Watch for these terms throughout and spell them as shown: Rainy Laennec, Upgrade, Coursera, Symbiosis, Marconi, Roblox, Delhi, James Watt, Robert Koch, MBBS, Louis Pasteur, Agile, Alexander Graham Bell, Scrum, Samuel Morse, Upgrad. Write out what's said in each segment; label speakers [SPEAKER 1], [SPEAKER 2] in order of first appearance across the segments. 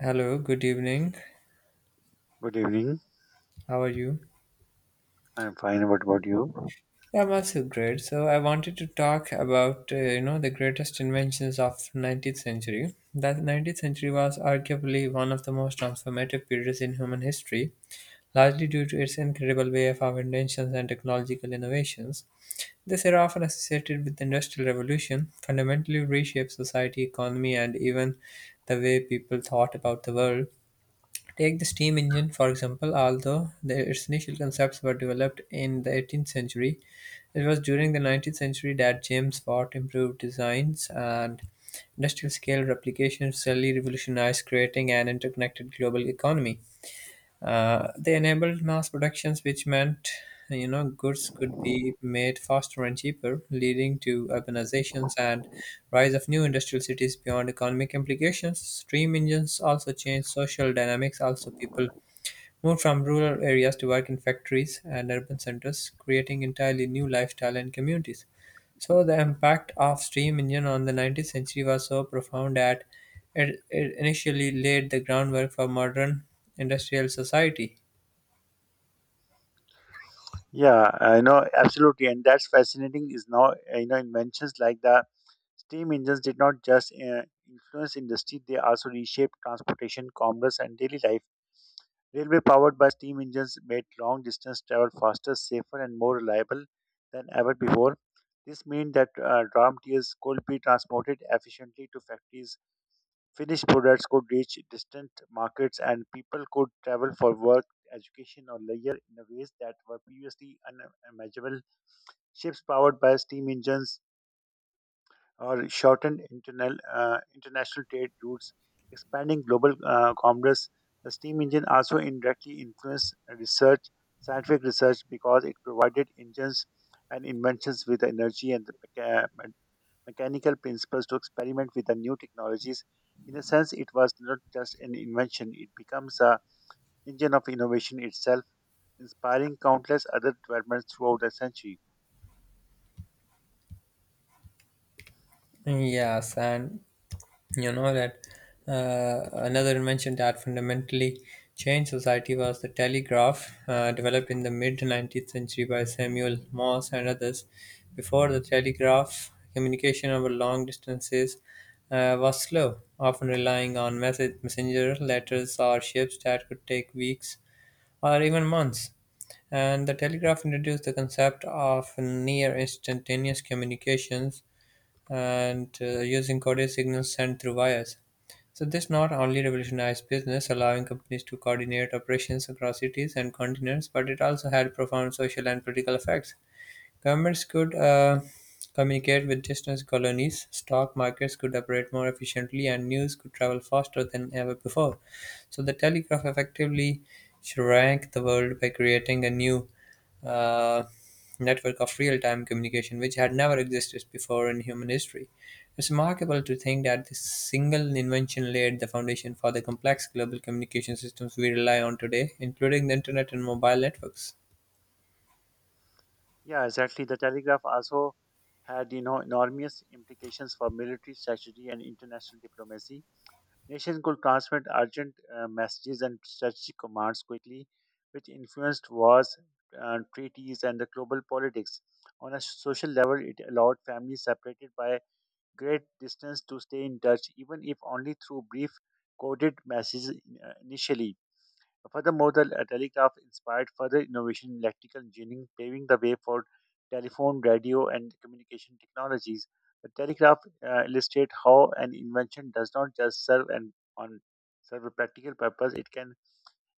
[SPEAKER 1] Hello, good evening.
[SPEAKER 2] Good evening.
[SPEAKER 1] How are you?
[SPEAKER 2] I'm fine. What about you?
[SPEAKER 1] Yeah, I'm also great. So I wanted to talk about the greatest inventions of 19th century. That 19th century was arguably one of the most transformative periods in human history, largely due to its incredible wave of inventions and technological innovations. This era, often associated with the Industrial Revolution, fundamentally reshaped society, economy, and even the way people thought about the world. Take the steam engine, for example, although its initial concepts were developed in the 18th century, it was during the 19th century that James Watt improved designs and industrial scale replication really revolutionized, creating an interconnected global economy. They enabled mass productions, which meant goods could be made faster and cheaper, leading to urbanizations and rise of new industrial cities beyond economic implications. Steam engines also changed social dynamics. Also, people moved from rural areas to work in factories and urban centers, creating entirely new lifestyle and communities. So the impact of steam engine on the 19th century was so profound that it initially laid the groundwork for modern industrial society.
[SPEAKER 2] Yeah, I know, absolutely, and that's fascinating. Is now you know inventions like the steam engines did not just influence industry; they also reshaped transportation, commerce, and daily life. Railway powered by steam engines made long distance travel faster, safer, and more reliable than ever before. This means that raw materials could be transported efficiently to factories, Finnish products could reach distant markets, and people could travel for work, education, or leisure in a ways that were previously unimaginable. Ships powered by steam engines or shortened internal, international trade routes, expanding global commerce. The steam engine also indirectly influenced research, scientific research, because it provided engines and inventions with the energy and the mecha- mechanical principles to experiment with the new technologies. In a sense, it was not just an invention, it becomes the engine of innovation itself, inspiring countless other developments throughout the century.
[SPEAKER 1] Yes, and you know that another invention that fundamentally changed society was the telegraph, developed in the mid 19th century by Samuel Morse and others. Before the telegraph, communication over long distances was slow, often relying on message, messenger, letters, or ships that could take weeks or even months. And the telegraph introduced the concept of near instantaneous communications and using courier signals sent through wires. So this not only revolutionized business, allowing companies to coordinate operations across cities and continents, but it also had profound social and political effects. Governments could communicate with distant colonies, stock markets could operate more efficiently, and news could travel faster than ever before. So the telegraph effectively shrank the world by creating a new uh, network of real time communication, which had never existed before in human history. It's remarkable to think that this single invention laid the foundation for the complex global communication systems we rely on today, including the internet and mobile networks.
[SPEAKER 2] Yeah, exactly. The telegraph also had enormous implications for military strategy and international diplomacy. Nations could transmit urgent messages and strategic commands quickly, which influenced wars, treaties, and the global politics. On a social level, it allowed families separated by great distance to stay in touch, even if only through brief coded messages initially. Furthermore, the telegraph inspired further innovation in electrical engineering, paving the way for telephone, radio, and communication technologies. The telegraph illustrates how an invention does not just serve an on serve a practical purpose; it can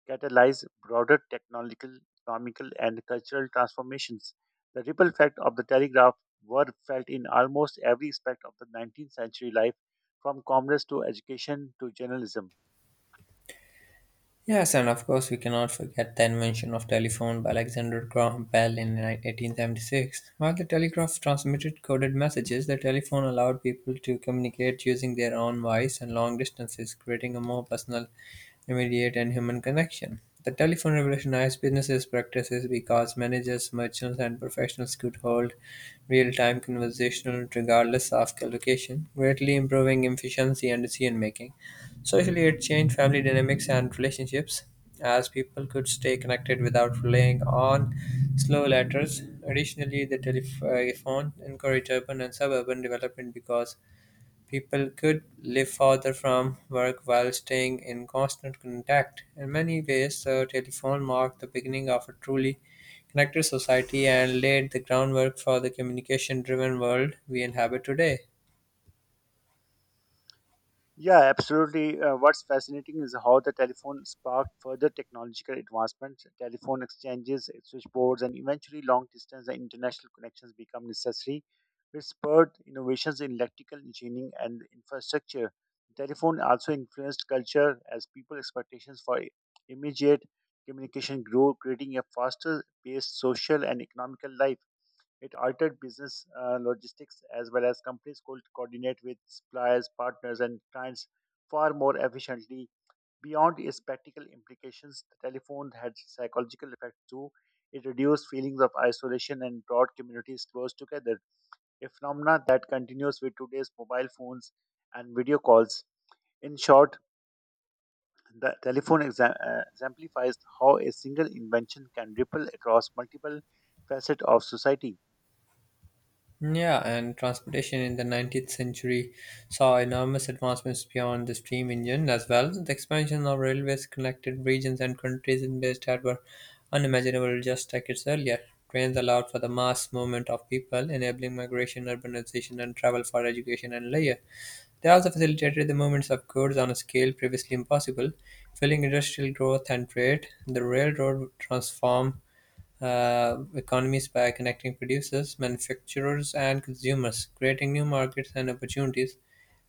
[SPEAKER 2] catalyze broader technological, economical, and cultural transformations. The ripple effect of the telegraph were felt in almost every aspect of the 19th century life, from commerce to education to journalism.
[SPEAKER 1] Yes, and of course, we cannot forget the invention of telephone by Alexander Graham Bell in 1876. While the telegraph transmitted coded messages, the telephone allowed people to communicate using their own voice and long distances, creating a more personal, immediate, and human connection. The telephone revolutionized businesses practices because managers, merchants, and professionals could hold real-time conversational regardless of location, greatly improving efficiency and decision making. Socially, it changed family dynamics and relationships as people could stay connected without relying on slow letters. Additionally, the telephone encouraged urban and suburban development because people could live farther from work while staying in constant contact. In many ways, the telephone marked the beginning of a truly connected society and laid the groundwork for the communication driven world we inhabit today.
[SPEAKER 2] Yeah, absolutely. What's fascinating is how the telephone sparked further technological advancements. Telephone exchanges, eh, switchboards, and eventually long distance and international connections become necessary, which spurred innovations in electrical engineering and infrastructure. Telephone also influenced culture as people's expectations for immediate communication grew, creating a faster paced social and economical life. It altered business logistics as well, as companies could coordinate with suppliers, partners, and clients far more efficiently. Beyond its practical implications, the telephone had psychological effects too. It reduced feelings of isolation and brought communities close together, a phenomenon that continues with today's mobile phones and video calls. In short, the telephone exemplifies how a single invention can ripple across multiple facets of society.
[SPEAKER 1] Yeah, and transportation in the 19th century saw enormous advancements beyond the steam engine as well. The expansion of railways connected regions and countries in ways that were unimaginable just decades earlier. Trains allowed for the mass movement of people, enabling migration, urbanization, and travel for education and leisure. They also facilitated the movements of goods on a scale previously impossible, fueling industrial growth and trade. The railroad transformed economies by connecting producers, manufacturers, and consumers, creating new markets and opportunities.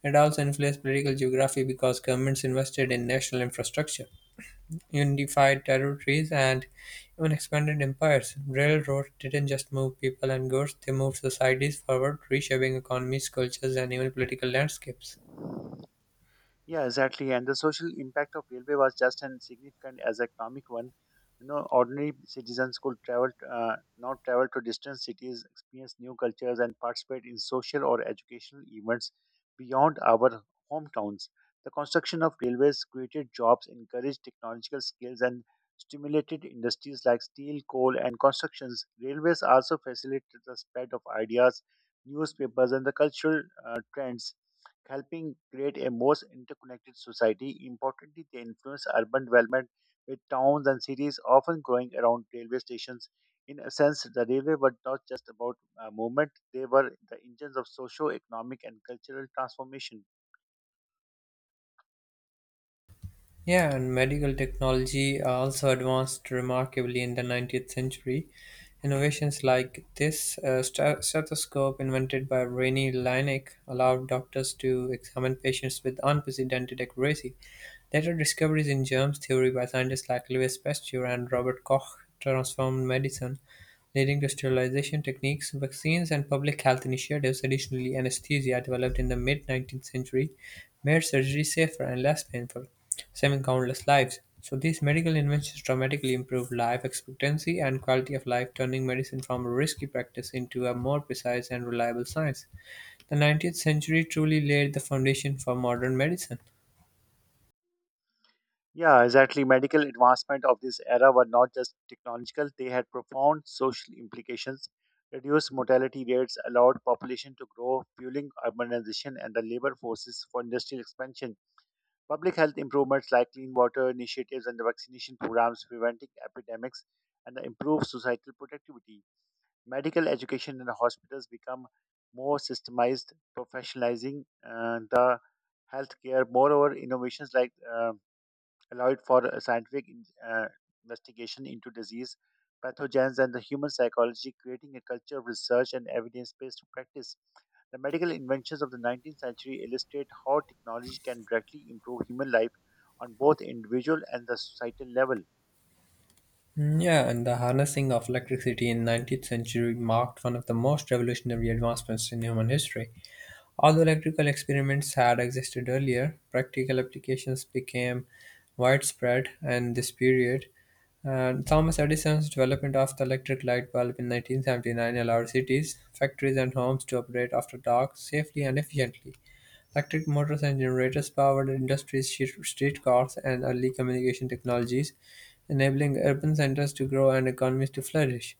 [SPEAKER 1] It also influenced political geography because governments invested in national infrastructure, unified territories, and even expanded empires. Railroads didn't just move people and goods, they moved societies forward, reshaping economies, cultures, and even political landscapes.
[SPEAKER 2] Yeah, exactly. And the social impact of railway was just as significant as economic one. You know, ordinary citizens could now travel to distant cities, experience new cultures, and participate in social or educational events beyond our hometowns. The construction of railways created jobs, encouraged technological skills, and stimulated industries like steel, coal, and constructions. Railways also facilitated the spread of ideas, newspapers, and the cultural trends, helping create a more interconnected society. Importantly, they influence urban development with towns and cities often growing around railway stations. In a sense, the railway were not just about movement, they were the engines of socio economic and cultural transformation.
[SPEAKER 1] Yeah, and medical technology also advanced remarkably in the 19th century. Innovations like this stethoscope, invented by Rainy Laennec, allowed doctors to examine patients with unprecedented accuracy. Later discoveries in germs theory by scientists like Louis Pasteur and Robert Koch transformed medicine, leading to sterilization techniques, vaccines, and public health initiatives. Additionally, anesthesia, developed in the mid-19th century, made surgery safer and less painful, saving countless lives. So these medical inventions dramatically improved life expectancy and quality of life, turning medicine from a risky practice into a more precise and reliable science. The 19th century truly laid the foundation for modern medicine.
[SPEAKER 2] Yeah, exactly. Medical advancement of this era were not just technological, they had profound social implications. Reduced mortality rates allowed population to grow, fueling urbanization and the labor forces for industrial expansion. Public health improvements like clean water initiatives and the vaccination programs preventing epidemics and the improved societal productivity. Medical education in the hospitals become more systemized, professionalizing the healthcare. Moreover, innovations like allowed for a scientific investigation into disease, pathogens, and the human psychology, creating a culture of research and evidence based practice. The medical inventions of the 19th century illustrate how technology can directly improve human life on both individual and the societal level.
[SPEAKER 1] Mm, yeah, and the harnessing of electricity in 19th century marked one of the most revolutionary advancements in human history. Although electrical experiments had existed earlier, practical applications became widespread in this period. And Thomas Edison's development of the electric light bulb in 1979 allowed cities, factories, and homes to operate after dark safely and efficiently. Electric motors and generators powered industries, streetcars, and early communication technologies, enabling urban centers to grow and economies to flourish.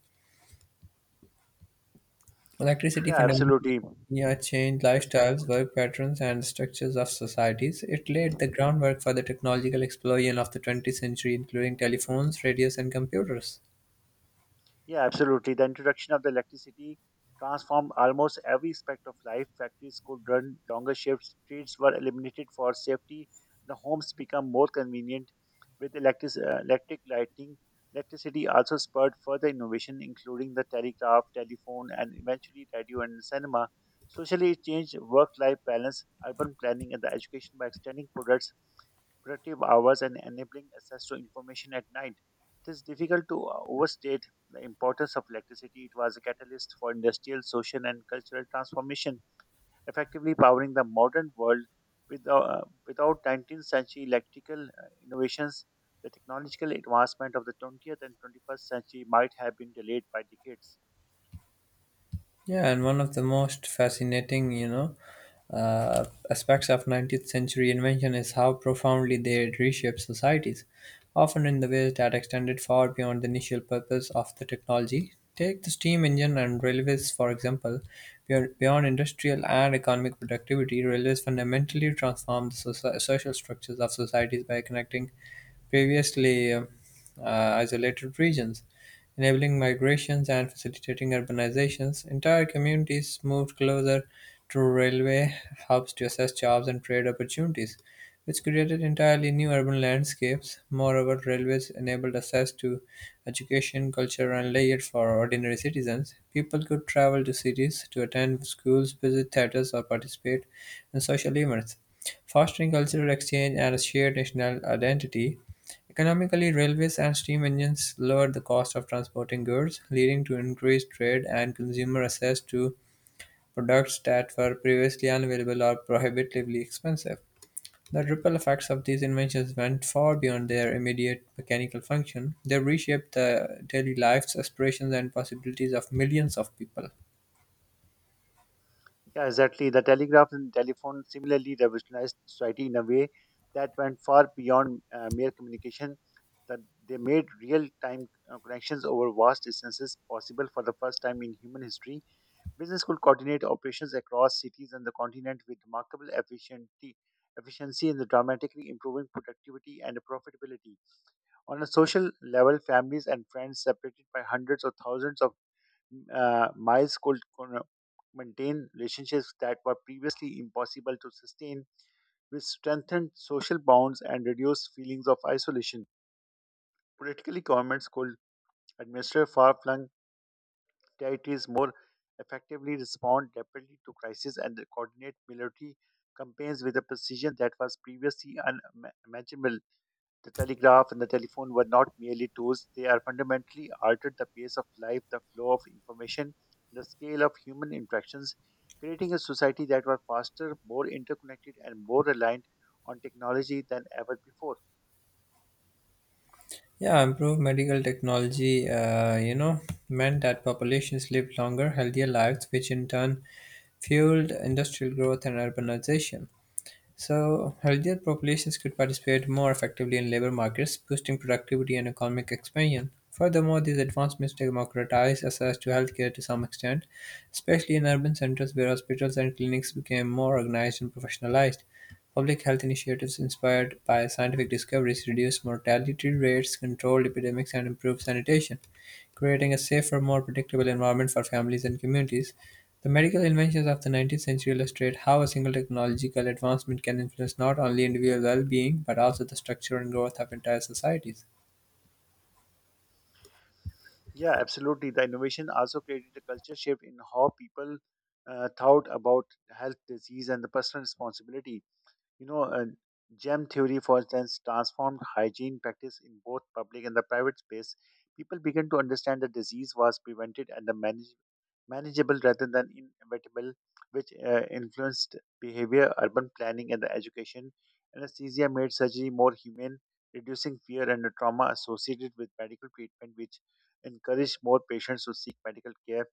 [SPEAKER 1] Electricity
[SPEAKER 2] Yeah,
[SPEAKER 1] fundamentally,
[SPEAKER 2] absolutely.
[SPEAKER 1] yeah, changed
[SPEAKER 2] Yes,
[SPEAKER 1] lifestyles,
[SPEAKER 2] continue.
[SPEAKER 1] work patterns, and structures of societies. It laid the groundwork for the technological explosion of the 20th century, including telephones, radios, and computers.
[SPEAKER 2] Yeah, absolutely. The introduction of the electricity transformed almost every aspect of life. Factories could run longer shifts, streets were eliminated for safety, the homes became more convenient with electric lighting. Electricity also spurred further innovation, including the telegraph, telephone, and eventually radio and cinema. Socially, it changed work life balance, urban planning, and the education by extending products productive hours and enabling access to information at night. It is difficult to overstate the importance of electricity. It was a catalyst for industrial, social, and cultural transformation, effectively powering the modern world. With, uh, Without 19th century electrical innovations, the technological advancement of the 20th and 21st century might have been delayed by decades.
[SPEAKER 1] Yeah, and one of the most fascinating, aspects of 19th century invention is how profoundly they reshaped societies, often in the ways that extended far beyond the initial purpose of the technology. Take the steam engine and railways, for example. Beyond industrial and economic productivity, railways fundamentally transformed the social structures of societies by connecting previously isolated regions, enabling migrations and facilitating urbanizations. Entire communities moved closer to railway hubs to assess jobs and trade opportunities, which created entirely new urban landscapes. Moreover, railways enabled access to education, culture, and leisure for ordinary citizens. People could travel to cities to attend schools, visit theaters, or participate in social events, fostering cultural exchange and a shared national identity. Economically, railways and steam engines lowered the cost of transporting goods, leading to increased trade and consumer access to products that were previously unavailable or prohibitively expensive. The ripple effects of these inventions went far beyond their immediate mechanical function. They reshaped the daily lives, aspirations, and possibilities of millions of people.
[SPEAKER 2] Yeah, exactly. The telegraph and telephone similarly revolutionized society in a way that went far beyond mere communication. That They made real-time connections over vast distances possible for the first time in human history. Business could coordinate operations across cities and the continent with remarkable efficiency and the dramatically improving productivity and profitability. On a social level, families and friends separated by hundreds or thousands of miles maintain relationships that were previously impossible to sustain, which strengthened social bonds and reduced feelings of isolation. Politically, governments could administer far-flung territories more effectively, respond rapidly to crises, and coordinate military campaigns with a precision that was previously unimaginable. The telegraph and the telephone were not merely tools, they are fundamentally altered the pace of life, the flow of information, the scale of human interactions, creating a society that was faster, more interconnected, and more reliant on technology than ever before.
[SPEAKER 1] Yeah, improved medical technology, meant that populations lived longer, healthier lives, which in turn fueled industrial growth and urbanization. So, healthier populations could participate more effectively in labor markets, boosting productivity and economic expansion. Furthermore, these advancements democratize access to healthcare to some extent, especially in urban centers where hospitals and clinics became more organized and professionalized. Public health initiatives inspired by scientific discoveries reduced mortality rates, controlled epidemics, and improved sanitation, creating a safer, more predictable environment for families and communities. The medical inventions of the 19th century illustrate how a single technological advancement can influence not only individual well being but also the structure and growth of entire societies.
[SPEAKER 2] Yeah, absolutely. The innovation also created a culture shift in how people thought about health, disease, and the personal responsibility. You know, uh, Gem theory, for instance, transformed hygiene practice in both public and the private space. People began to understand that disease was prevented and the manageable rather than inevitable, which influenced behavior, urban planning, and the education. Anesthesia made surgery more humane, reducing fear and the trauma associated with medical treatment, which encouraged more patients to seek medical care.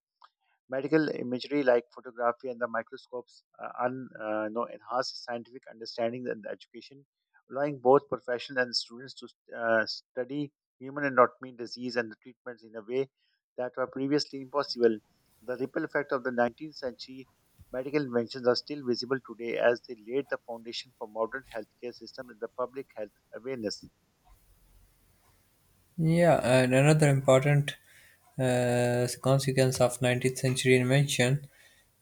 [SPEAKER 2] Medical imagery like photography and the microscopes enhance scientific understanding and education, allowing both professionals and students to study human anatomy, disease, and the treatments in a way that were previously impossible. The ripple effect of the 19th century medical inventions are still visible today as they laid the foundation for modern healthcare system and the public health awareness.
[SPEAKER 1] Yeah, and another important consequence of 19th century invention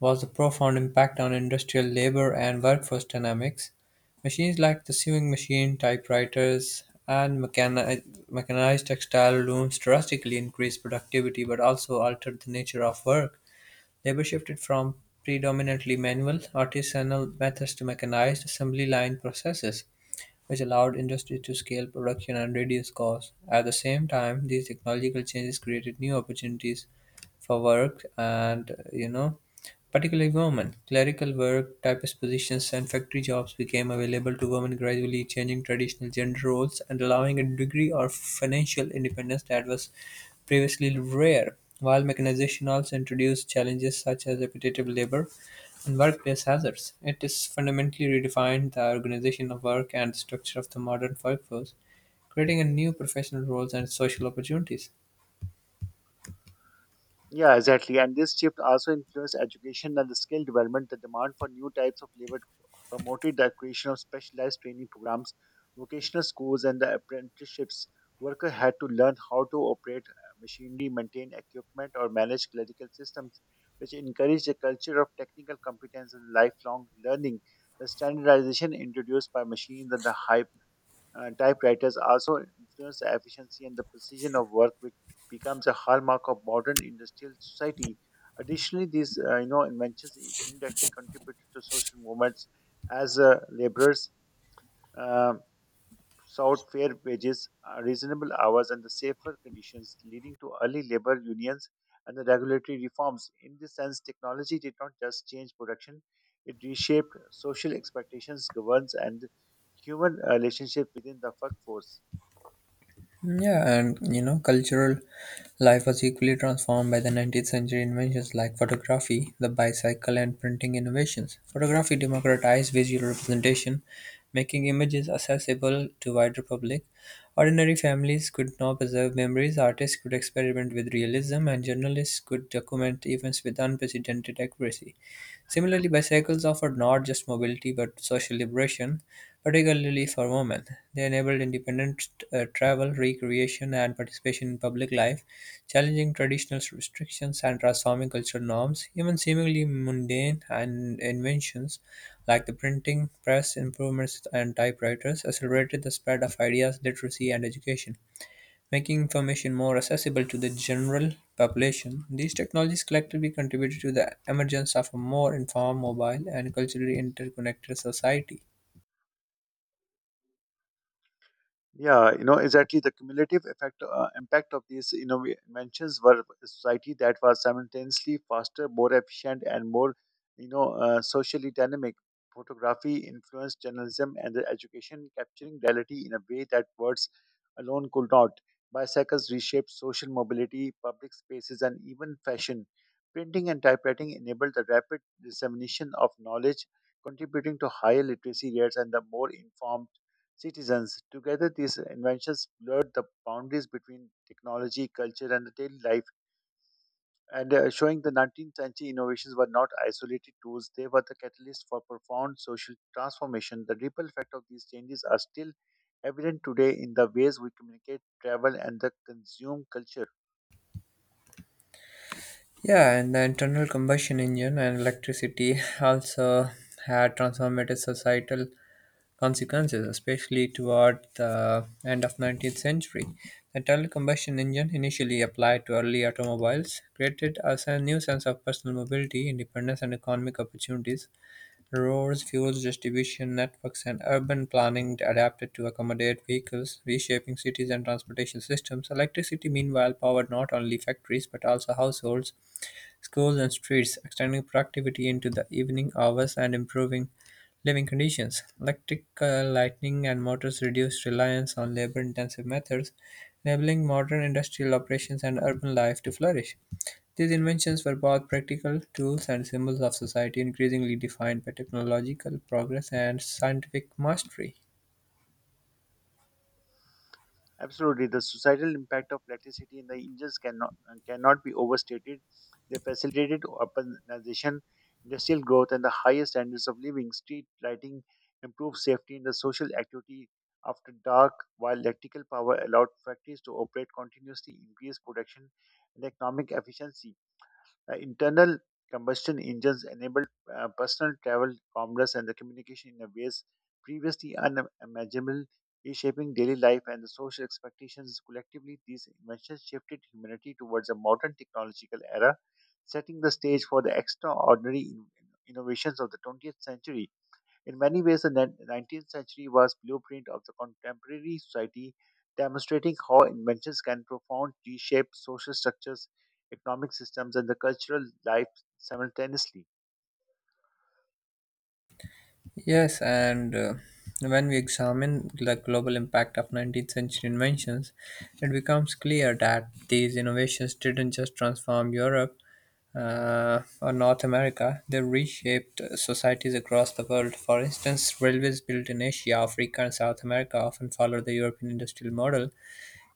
[SPEAKER 1] was the profound impact on industrial labor and workforce dynamics. Machines like the sewing machine, typewriters, and mechanized textile looms drastically increased productivity but also altered the nature of work. Labor shifted from predominantly manual, artisanal methods to mechanized assembly line processes, which allowed industry to scale production and reduce costs. At the same time, these technological changes created new opportunities for work and, particularly women. Clerical work, typist positions, and factory jobs became available to women, gradually changing traditional gender roles and allowing a degree of financial independence that was previously rare, while mechanization also introduced challenges such as repetitive labor and workplace hazards. It has fundamentally redefined the organization of work and the structure of the modern workforce, creating a new professional roles and social opportunities.
[SPEAKER 2] Yeah, exactly. And this shift also influenced education and the skill development. The demand for new types of labor promoted the creation of specialized training programs, vocational schools, and the apprenticeships. Workers had to learn how to operate machinery, maintain equipment, or manage clerical systems, which encouraged a culture of technical competence and lifelong learning. The standardization introduced by machines and the high typewriters also influence the efficiency and the precision of work, which becomes a hallmark of modern industrial society. Additionally, these inventions indirectly contributed to social movements as laborers uh, sought fair wages, reasonable hours, and the safer conditions, leading to early labor unions and the regulatory reforms. In this sense, technology did not just change production; it reshaped social expectations, governance, and human relationships within the workforce.
[SPEAKER 1] Yeah, and you know, cultural life was equally transformed by the 19th century inventions like photography, the bicycle, and printing innovations. Photography democratized visual representation, making images accessible to wider public. Ordinary families could now preserve memories, artists could experiment with realism, and journalists could document events with unprecedented accuracy. Similarly, bicycles offered not just mobility but social liberation, particularly for women. They enabled independent travel, recreation, and participation in public life, challenging traditional restrictions and transforming cultural norms. Even seemingly mundane and inventions like the printing press, improvements, and typewriters accelerated the spread of ideas, literacy, and education. Making information more accessible to the general population, these technologies collectively contributed to the emergence of a more informed, mobile, and culturally interconnected society.
[SPEAKER 2] Yeah, you know, exactly. The cumulative effect impact of these inventions were a society that was simultaneously faster, more efficient, and more socially dynamic. Photography influenced journalism and the education, capturing reality in a way that words alone could not. Bicycles reshaped social mobility, public spaces, and even fashion. Printing and typewriting enabled the rapid dissemination of knowledge, contributing to higher literacy rates and the more informed citizens. Together, these inventions blurred the boundaries between technology, culture, and the daily life, and showing the 19th century innovations were not isolated tools, they were the catalyst for profound social transformation. The ripple effect of these changes are still evident today in the ways we communicate, travel, and the consume culture.
[SPEAKER 1] Yeah, and the internal combustion engine and electricity also had transformative societal consequences, especially toward the end of 19th century. The internal combustion engine, initially applied to early automobiles, created us a new sense of personal mobility, independence, and economic opportunities. Roads, fuels distribution networks, and urban planning adapted to accommodate vehicles, reshaping cities and transportation systems. Electricity, meanwhile, powered not only factories but also households, schools and streets, extending productivity into the evening hours and improving living conditions. Electrical lighting and motors reduce reliance on labor intensive methods, enabling modern industrial operations and urban life to flourish. These inventions were both practical tools and symbols of society increasingly defined by technological progress and scientific mastery.
[SPEAKER 2] Absolutely, the societal impact of electricity in the engines cannot be overstated. They facilitated urbanization, industrial growth, and the highest standards of living. Street lighting improved safety in the social activity after dark, while electrical power allowed factories to operate continuously, increased production and economic efficiency. Internal combustion engines enabled personal travel, commerce, and the communication in ways previously unimaginable, reshaping daily life and the social expectations. Collectively, these inventions shifted humanity towards a modern technological era, setting the stage for the extraordinary innovations of the 20th century. In many ways, the 19th century was blueprint of the contemporary society, demonstrating how inventions can profound reshape social structures, economic systems, and the cultural life simultaneously.
[SPEAKER 1] Yes, and when we examine the global impact of 19th century inventions, it becomes clear that these innovations didn't just transform Europe or North America, they reshaped societies across the world. For instance, railways built in Asia, Africa, and South America often follow the European industrial model,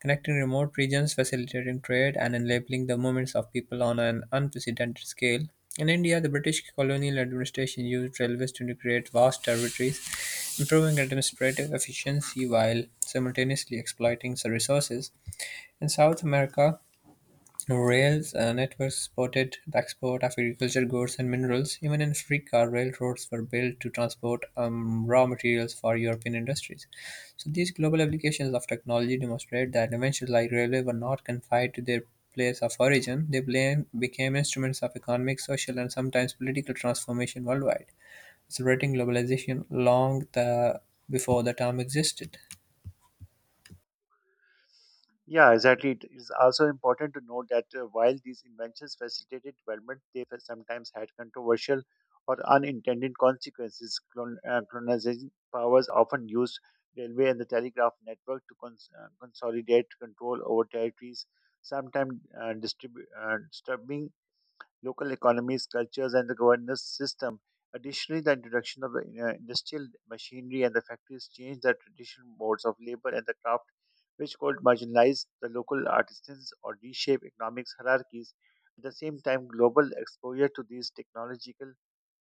[SPEAKER 1] connecting remote regions, facilitating trade, and enabling the movements of people on an unprecedented scale. In India, the British colonial administration used railways to create vast territories, improving administrative efficiency while simultaneously exploiting the resources. In South America, rails networks supported the export of agricultural goods and minerals. Even in Africa, railroads were built to transport raw materials for European industries. So, these global applications of technology demonstrate that inventions like railway were not confined to their place of origin. Became instruments of economic, social, and sometimes political transformation worldwide, accelerating globalization before the term existed.
[SPEAKER 2] Yeah, exactly. It is also important to note that while these inventions facilitated development, they sometimes had controversial or unintended consequences. Colonizing powers often used railway and the telegraph network to consolidate control over territories, sometimes disturbing local economies, cultures, and the governance system. Additionally, the introduction of the industrial machinery and the factories changed the traditional modes of labor and the craft, which could marginalize the local artisans or reshape economic hierarchies. At the same time, global exposure to these technological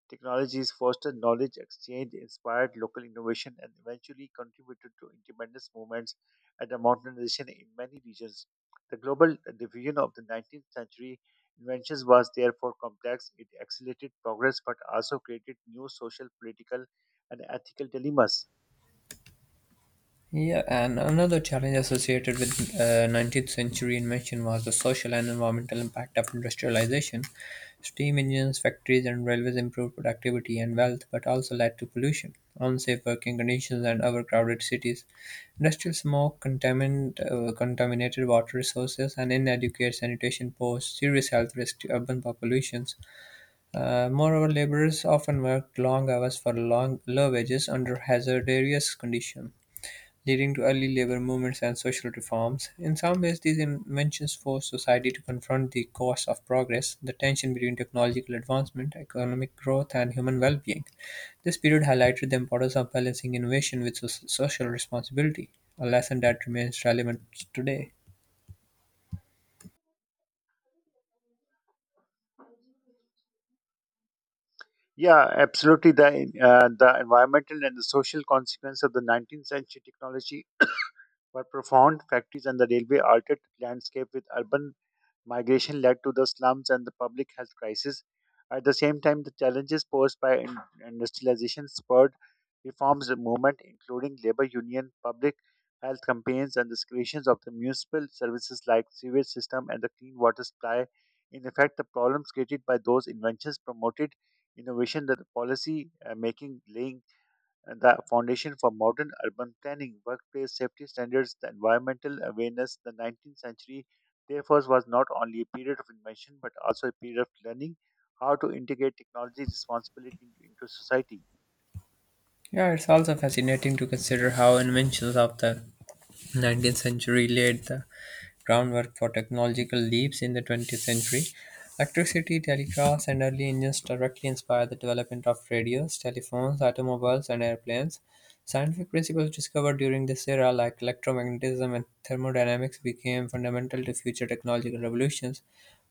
[SPEAKER 2] technologies fostered knowledge exchange, inspired local innovation, and eventually contributed to independence movements and the modernization in many regions. The global diffusion of the 19th century inventions was therefore complex. It accelerated progress but also created new social, political, and ethical dilemmas.
[SPEAKER 1] Yeah, and another challenge associated with 19th century invention was the social and environmental impact of industrialization. Steam engines, factories, and railways improved productivity and wealth, but also led to pollution, unsafe working conditions, and overcrowded cities. Industrial smoke contaminated water resources, and inadequate sanitation posed serious health risks to urban populations. Moreover, laborers often worked long hours for long low wages under hazardous conditions leading to early labor movements and social reforms. In some ways, these inventions forced society to confront the costs of progress, the tension between technological advancement, economic growth, and human well being. This period highlighted the importance of balancing innovation with social responsibility, a lesson that remains relevant today.
[SPEAKER 2] Yeah, absolutely. The environmental and the social consequence of the 19th century technology were profound. Factories and the railway altered the landscape with urban migration, led to the slums and the public health crisis. At the same time, the challenges posed by industrialization spurred reforms movement, including labor union, public health campaigns, and the creations of the municipal services like sewage system and the clean water supply. In effect, the problems created by those inventions promoted innovation that the policy making, laying the foundation for modern urban planning, workplace safety standards, the environmental awareness. The 19th century, therefore, was not only a period of invention but also a period of learning how to integrate technology responsibility into society.
[SPEAKER 1] Yeah, it's also fascinating to consider how inventions of the 19th century laid the groundwork for technological leaps in the 20th century. Electricity, telegraphs, and early engines directly inspired the development of radios, telephones, automobiles, and airplanes. Scientific principles discovered during this era, like electromagnetism and thermodynamics, became fundamental to future technological revolutions.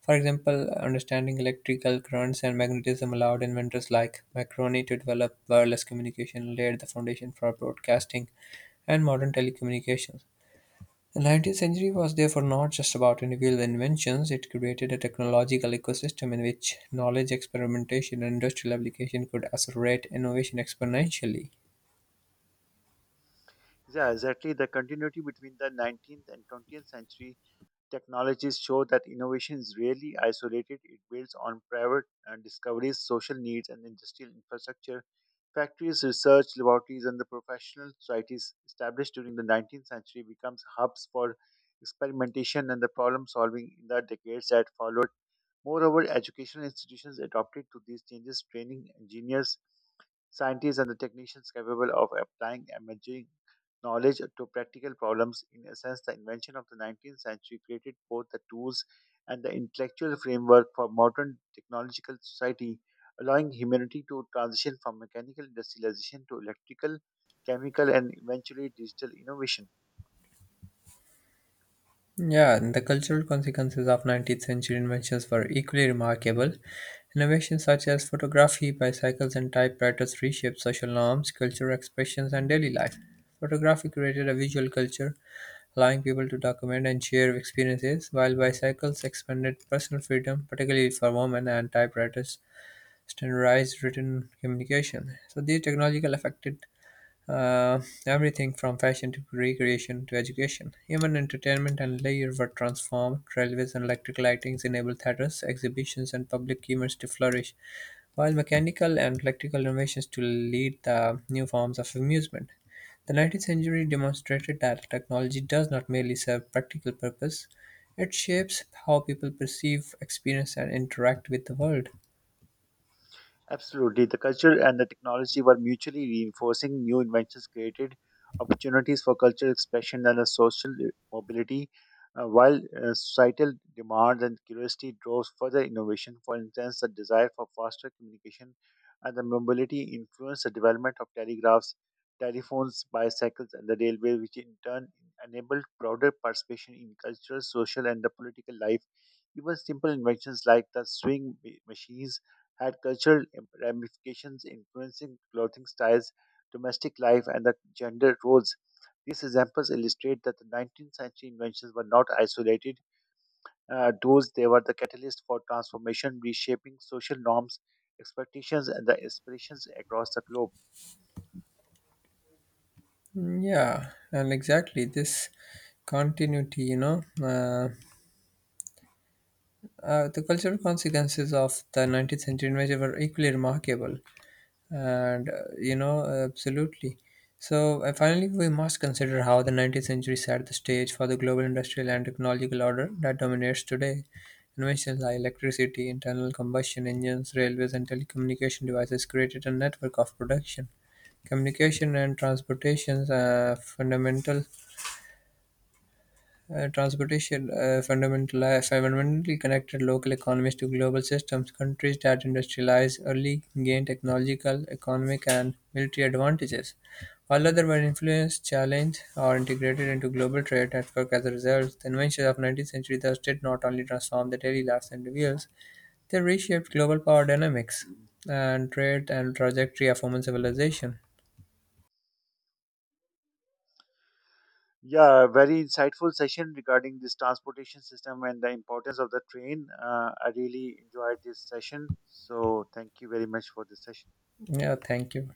[SPEAKER 1] For example, understanding electrical currents and magnetism allowed inventors like Marconi to develop wireless communication, laid the foundation for broadcasting and modern telecommunications. The 19th century was therefore not just about individual inventions, it created a technological ecosystem in which knowledge, experimentation, and industrial application could accelerate innovation exponentially.
[SPEAKER 2] Yeah, exactly. The continuity between the 19th and 20th century technologies show that innovation is rarely isolated. It builds on private discoveries, social needs, and industrial infrastructure. Factories, research laboratories, and the professional societies established during the 19th century becomes hubs for experimentation and the problem solving in the decades that followed. Moreover, educational institutions adapted to these changes, training engineers, scientists, and the technicians capable of applying emerging knowledge to practical problems. In a sense, the invention of the 19th century created both the tools and the intellectual framework for modern technological society, allowing humanity to transition from mechanical industrialization to electrical, chemical, and eventually digital innovation.
[SPEAKER 1] Yeah, and the cultural consequences of 19th century inventions were equally remarkable. Innovations such as photography, bicycles, and typewriters reshaped social norms, cultural expressions, and daily life. Photography created a visual culture, allowing people to document and share experiences, while bicycles expanded personal freedom, particularly for women, and typewriters standardized written communication. So, these technological affected everything from fashion to recreation to education. Even entertainment and leisure were transformed. Railways and electric lightings enabled theatres, exhibitions, and public events to flourish, while mechanical and electrical innovations to lead the new forms of amusement. The 19th century demonstrated that technology does not merely serve practical purpose, it shapes how people perceive, experience, and interact with the world.
[SPEAKER 2] Absolutely. The culture and the technology were mutually reinforcing. New inventions created opportunities for cultural expression and a social mobility, while societal demands and curiosity drove further innovation. For instance, the desire for faster communication and the mobility influenced the development of telegraphs, telephones, bicycles, and the railway, which in turn enabled broader participation in cultural, social, and the political life. Even simple inventions like the swing machines had cultural ramifications, influencing clothing styles, domestic life, and the gender roles. These examples illustrate that the 19th century inventions were not isolated doors, they were the catalyst for transformation, reshaping social norms, expectations, and the aspirations across the globe.
[SPEAKER 1] Mm, yeah, and exactly this continuity, you know. The cultural consequences of the 19th century invasion were equally remarkable, and absolutely. So, finally, we must consider how the 19th century set the stage for the global industrial and technological order that dominates today. Inventions like electricity, internal combustion engines, railways, and telecommunication devices created a network of production, communication, and transportation fundamentally connected local economies to global systems. Countries that industrialized early gained technological, economic, and military advantages, while others were influenced, challenged, or integrated into global trade network as a result. The inventions of 19th century thus did not only transform the daily lives and individuals, they reshaped global power dynamics and trade and trajectory of human civilization.
[SPEAKER 2] Yeah, very insightful session regarding this transportation system and the importance of the train. I really enjoyed this session. So, thank you very much for this session.
[SPEAKER 1] Yeah, thank you.